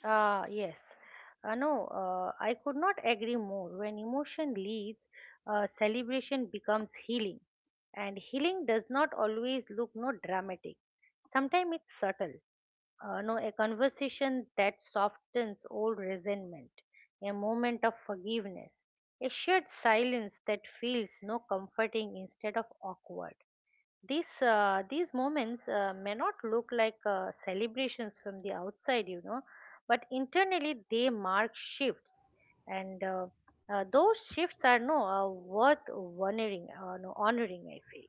Ah, yes. No, I could not agree more. When emotion leads, celebration becomes healing. And healing does not always look no dramatic. Sometimes it's subtle. No, A conversation that softens old resentment, a moment of forgiveness, a shared silence that feels no comforting instead of awkward. These moments may not look like celebrations from the outside, you know, but internally they mark shifts, and those shifts are worth honoring. No, Honoring, I feel.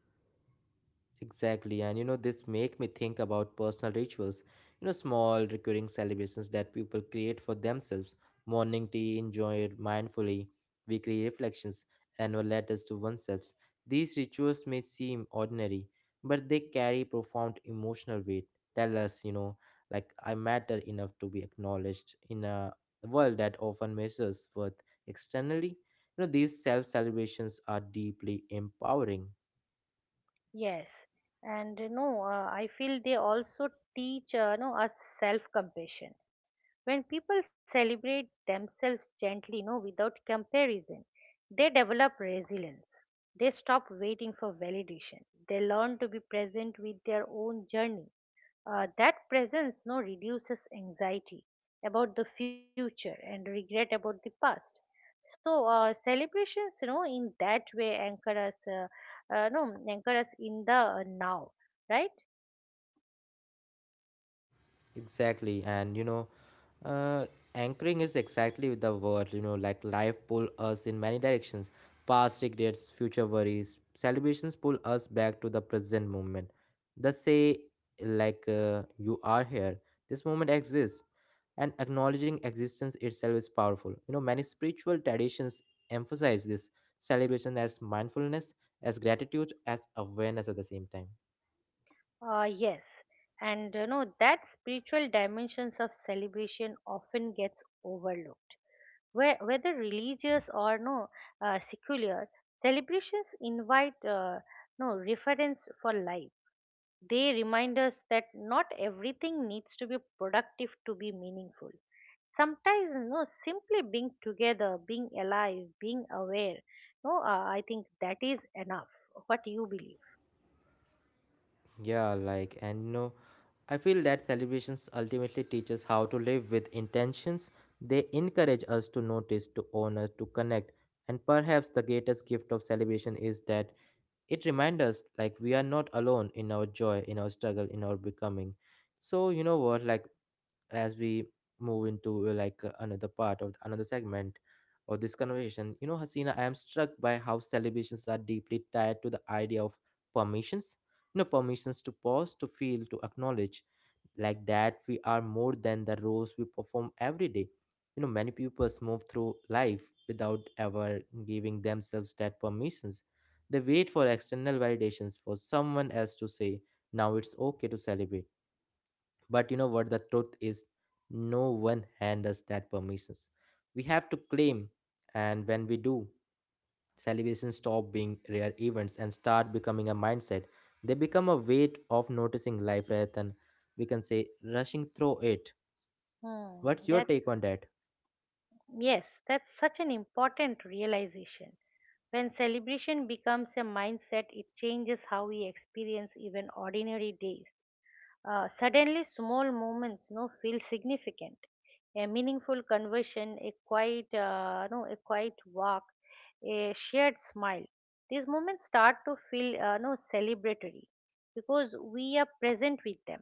Exactly, and you know this make me think about personal rituals. You know, small recurring celebrations that people create for themselves. Morning tea enjoyed mindfully, weekly reflections, annual letters to oneself. These rituals may seem ordinary, but they carry profound emotional weight. Tell us, you know, like I matter enough to be acknowledged in a world that often measures worth externally. You know, these self celebrations are deeply empowering. Yes, and you know, I feel they also teach, you know, us self-compassion. When people celebrate themselves gently, you know, without comparison, they develop resilience. They stop waiting for validation. They learn to be present with their own journey. That presence no reduces anxiety about the future and regret about the past. So celebrations, you know, in that way anchor us, no, anchor us in the now, right? Exactly, and you know Uh, anchoring is exactly the word, you know, like life pull us in many directions. Past regrets, future worries, celebrations pull us back to the present moment. They say, like, you are here. This moment exists. And acknowledging existence itself is powerful. You know, many spiritual traditions emphasize this celebration as mindfulness, as gratitude, as awareness at the same time. Yes, and you know that spiritual dimensions of celebration often gets overlooked. Whether religious or secular, celebrations invite no reference for life. They remind us that not everything needs to be productive to be meaningful. Sometimes, no, simply being together, being alive, being aware, no, I think that is enough. What you believe? Yeah, like, and you know, I feel that celebrations ultimately teach us how to live with intentions. They encourage us to notice, to honor, to connect. And perhaps the greatest gift of celebration is that it reminds us like we are not alone in our joy, in our struggle, in our becoming. So, you know what, like as we move into like another part of another segment of this conversation, you know, Hasina, I am struck by how celebrations are deeply tied to the idea of permissions. You know, permissions to pause, to feel, to acknowledge like that we are more than the roles we perform every day. You know, many people move through life without ever giving themselves that permissions. They wait for external validations for someone else to say now it's okay to celebrate. But you know what the truth is, no one hand us that permissions. We have to claim, and when we do, celebrations stop being rare events and start becoming a mindset. They become a way of noticing life rather than, we can say, rushing through it. Hmm, What's your take that's on that? yes, that's such an important realization. When celebration becomes a mindset, it changes how we experience even ordinary days. Suddenly, small moments no, feel significant. A meaningful conversation, a quiet, no, a quiet walk, a shared smile. These moments start to feel no, celebratory because we are present with them.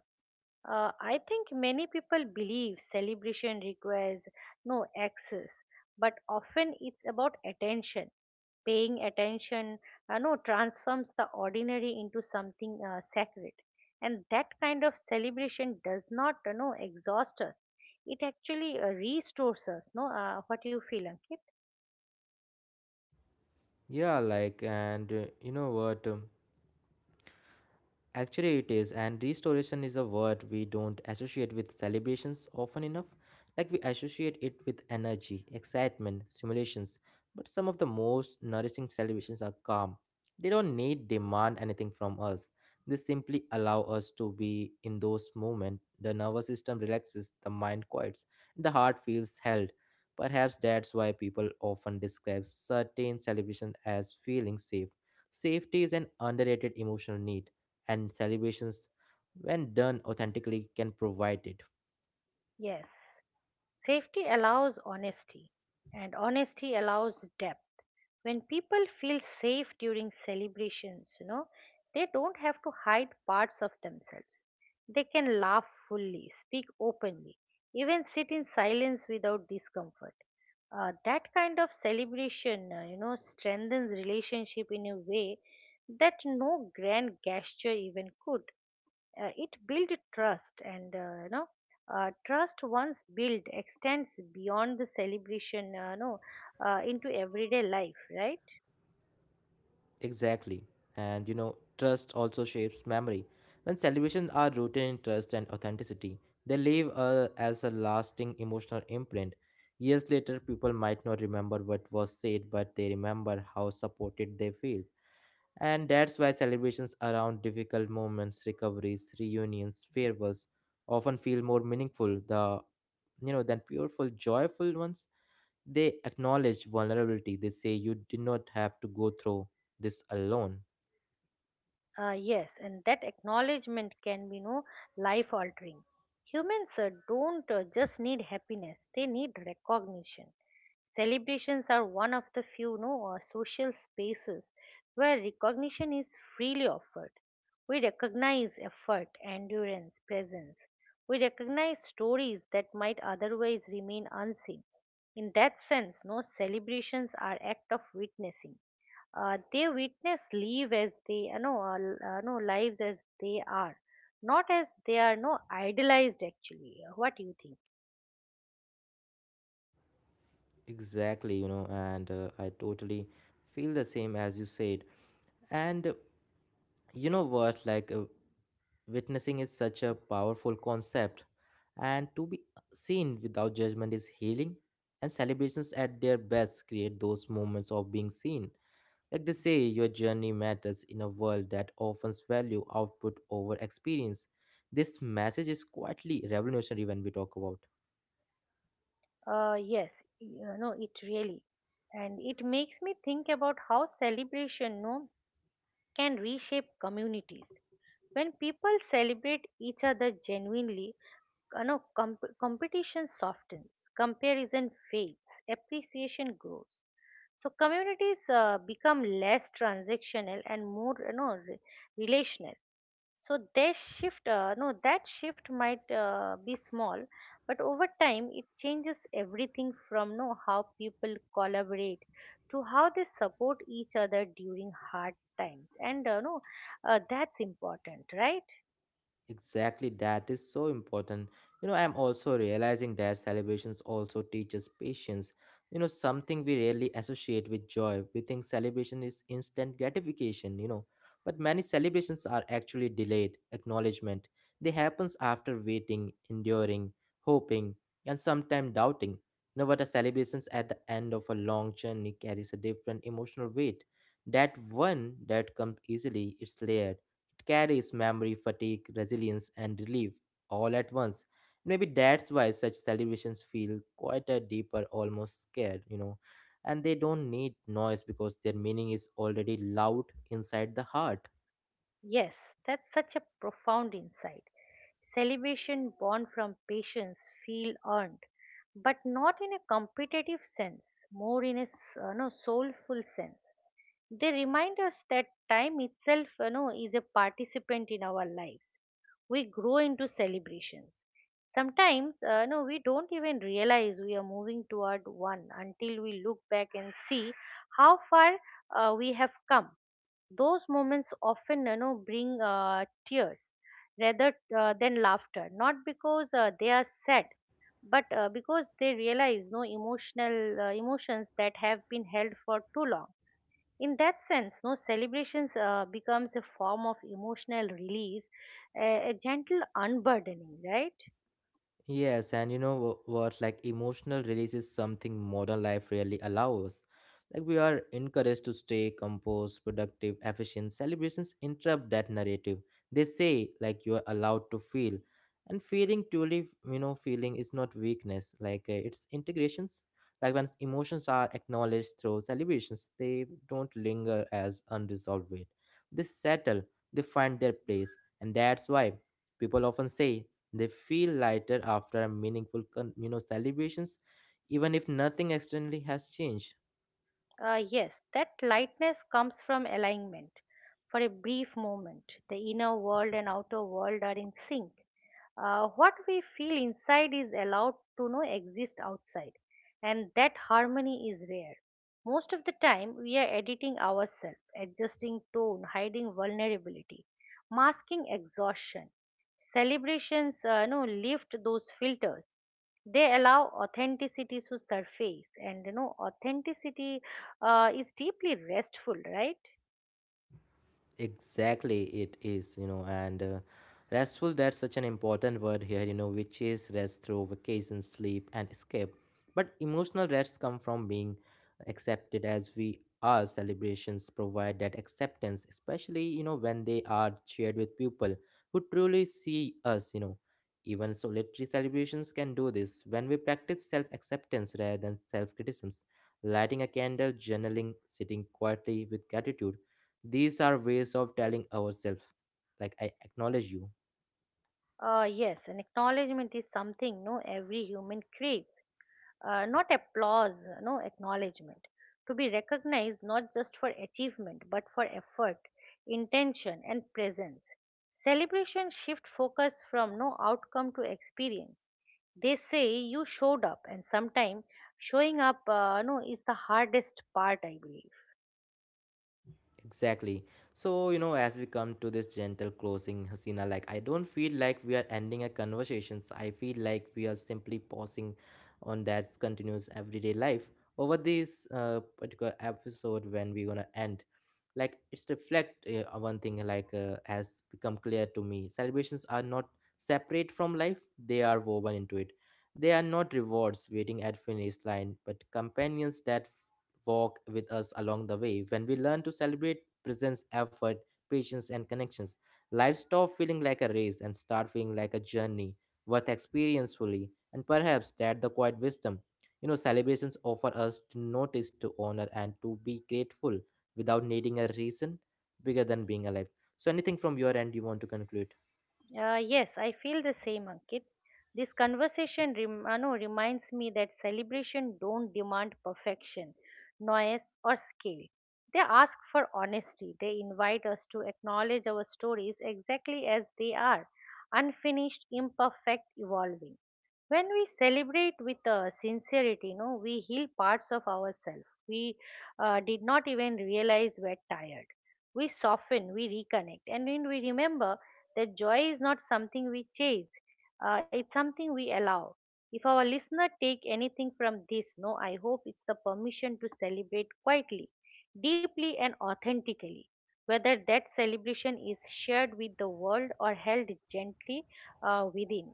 I think many people believe celebration requires no access, but often it's about attention. Paying attention, no, transforms the ordinary into something sacred, and that kind of celebration does not, you know, exhaust us. It actually restores us. No, What you feel, Ankit? Yeah, like, and you know what? Actually, it is, and restoration is a word we don't associate with celebrations often enough. Like, we associate it with energy, excitement, stimulations. But some of the most nourishing celebrations are calm. They don't need, demand anything from us. They simply allow us to be in those moments. The nervous system relaxes, the mind quiets, and the heart feels held. Perhaps that's why people often describe certain celebrations as feeling safe. Safety is an underrated emotional need, and celebrations when done authentically can provide it. Yes. Safety allows honesty, and honesty allows depth. When people feel safe during celebrations, you know, they don't have to hide parts of themselves. They can laugh fully, speak openly, even sit in silence without discomfort. That kind of celebration, you know, strengthens relationship in a way that no grand gesture even could. It built trust, and you know, trust once built extends beyond the celebration, no into everyday life, right? Exactly, and you know trust also shapes memory. When celebrations are rooted in trust and authenticity, they leave as a lasting emotional imprint. Years later, people might not remember what was said, but they remember how supported they feel. And that's why celebrations around difficult moments, recoveries, reunions, farewells often feel more meaningful, the you know, than pureful joyful ones. They acknowledge vulnerability. They say you did not have to go through this alone. Yes, and that acknowledgement can be life altering. Humans don't just need happiness, they need recognition. Celebrations are one of the few no, social spaces where recognition is freely offered. We recognize effort, endurance, presence. We recognize stories that might otherwise remain unseen. In that sense, no celebrations are act of witnessing. They witness live as they you know, l- no lives as they are, not as they are no idolized actually. What do you think? Exactly, you know, and I totally feel the same as you said. And you know what? Like, witnessing is such a powerful concept. And to be seen without judgment is healing. And celebrations at their best create those moments of being seen. Like they say, your journey matters in a world that often values output over experience. This message is quietly revolutionary when we talk about. Yes, you know, it really. And it makes me think about how celebration no, can reshape communities. When people celebrate each other genuinely, you know, competition softens, comparison fades, appreciation grows. So communities become less transactional and more, you know, relational. So that shift, no, that shift might be small, but over time it changes everything from no how people collaborate to how they support each other during hard times, and no, that's important, right? Exactly, that is so important. You know, I'm also realizing that celebrations also teaches patience. You know, something we rarely associate with joy. We think celebration is instant gratification, you know. But many celebrations are actually delayed acknowledgement. They happens after waiting, enduring, hoping, and sometimes doubting. You know, but the celebrations at the end of a long journey carries a different emotional weight. That one that comes easily, it's layered. It carries memory, fatigue, resilience, and relief all at once. Maybe that's why such celebrations feel quieter, deeper, almost scared, you know. And they don't need noise because their meaning is already loud inside the heart. Yes, that's such a profound insight. Celebration born from patience feel earned, but not in a competitive sense, more in a s- no, soulful sense. They remind us that time itself, you know, is a participant in our lives. We grow into celebrations. Sometimes, we don't even realize we are moving toward one until we look back and see how far we have come. Those moments often, you know, bring tears rather than laughter, not because they are sad, but because they realize no emotional emotions that have been held for too long. In that sense, no celebrations becomes a form of emotional release, a gentle unburdening, right? Yes, and you know what? Like emotional release is something modern life really allows. Like we are encouraged to stay composed, productive, efficient. Celebrations interrupt that narrative. They say like you are allowed to feel, and feeling truly, you know, feeling is not weakness. Like it's integrations. Like when emotions are acknowledged through celebrations, they don't linger as unresolved weight. They settle. They find their place, and that's why people often say they feel lighter after a meaningful, you know, celebrations, even if nothing externally has changed. Yes, that lightness comes from alignment. For a brief moment, the inner world and outer world are in sync. What we feel inside is allowed to know exist outside, and that harmony is rare. Most of the time, we are editing ourselves, adjusting tone, hiding vulnerability, masking exhaustion. Celebrations no, lift those filters. They allow authenticity to surface, and you know authenticity is deeply restful, right? Exactly, it is, you know, and restful, that's such an important word here, you know, which is rest through vacation, sleep, and escape. But emotional rests come from being accepted as we are. Celebrations provide that acceptance, especially, you know, when they are shared with people who truly see us, you know. Even solitary celebrations can do this when we practice self acceptance rather than self criticisms. Lighting a candle, journaling, sitting quietly with gratitude, these are ways of telling ourselves like I acknowledge you. Yes, and acknowledgement is something every human craves. Uh, not applause, no acknowledgement, to be recognized not just for achievement but for effort, intention, and presence. Celebration shift focus from no outcome to experience. They say you showed up, and sometimes showing up no is the hardest part, I believe. Exactly, so you know, as we come to this gentle closing, Hasina, like I don't feel like we are ending a conversations, I feel like we are simply pausing on that continuous everyday life over this particular episode when we're gonna end. Like it's reflect one thing, like has become clear to me, celebrations are not separate from life. They are woven into it. They are not rewards waiting at finish line, but companions that walk with us along the way. When we learn to celebrate presence, effort, patience and connections, life stop feeling like a race and start feeling like a journey worth experience fully. And perhaps that the quiet wisdom, you know, celebrations offer us, to notice, to honor, and to be grateful without needing a reason bigger than being alive. So anything from your end you want to conclude? Yes, I feel the same, Ankit. This conversation rem- no, reminds me that celebration don't demand perfection, noise, or scale. They ask for honesty. They invite us to acknowledge our stories exactly as they are, unfinished, imperfect, evolving. When we celebrate with sincerity, you know, we heal parts of ourselves we did not even realize we're tired. We soften, we reconnect, and when we remember that joy is not something we chase, it's something we allow. If our listener take anything from this, no I hope it's the permission to celebrate quietly, deeply, and authentically, whether that celebration is shared with the world or held gently within,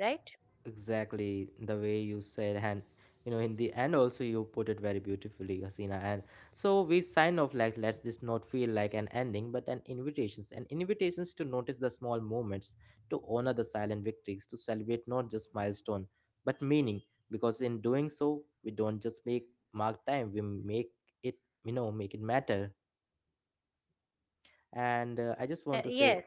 right? Exactly the way you said. And you know, in the end also you put it very beautifully, Hasina. And so we sign off, like let's this not feel like an ending but an invitations, and invitations to notice the small moments, to honor the silent victories, to celebrate not just milestone but meaning. Because in doing so, we don't just make mark time, we make it, you know, make it matter. And I just want to say Yes,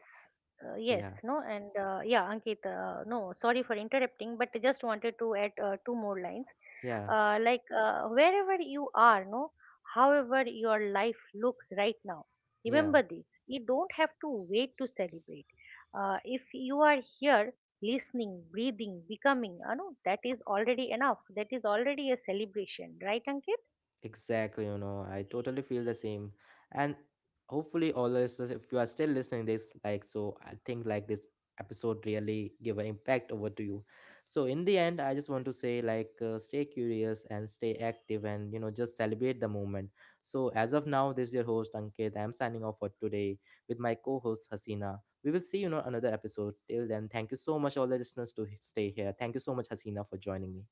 yes, yeah and yeah, Ankit, no, sorry for interrupting, but I just wanted to add two more lines. yeah. Like, wherever you are, no, however your life looks right now, Yeah, remember this. You don't have to wait to celebrate. If you are here listening, breathing, becoming, no, that is already enough. That is already a celebration, right, Ankit? exactly. You know, I totally feel the same. And hopefully, all the listeners, if you are still listening this, like, so I think like this episode really give an impact over to you. So in the end, I just want to say like, stay curious and stay active, and you know, just celebrate the moment. So as of now, this is your host Ankit. I'm signing off for today with my co-host Hasina. We will see you in another episode. Till then, thank you so much, all the listeners, to stay here. Thank you so much, Hasina, for joining me.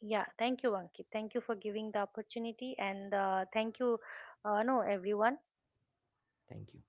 Yeah, thank you, Ankit. Thank you for giving the opportunity, and thank you, no, everyone. Thank you.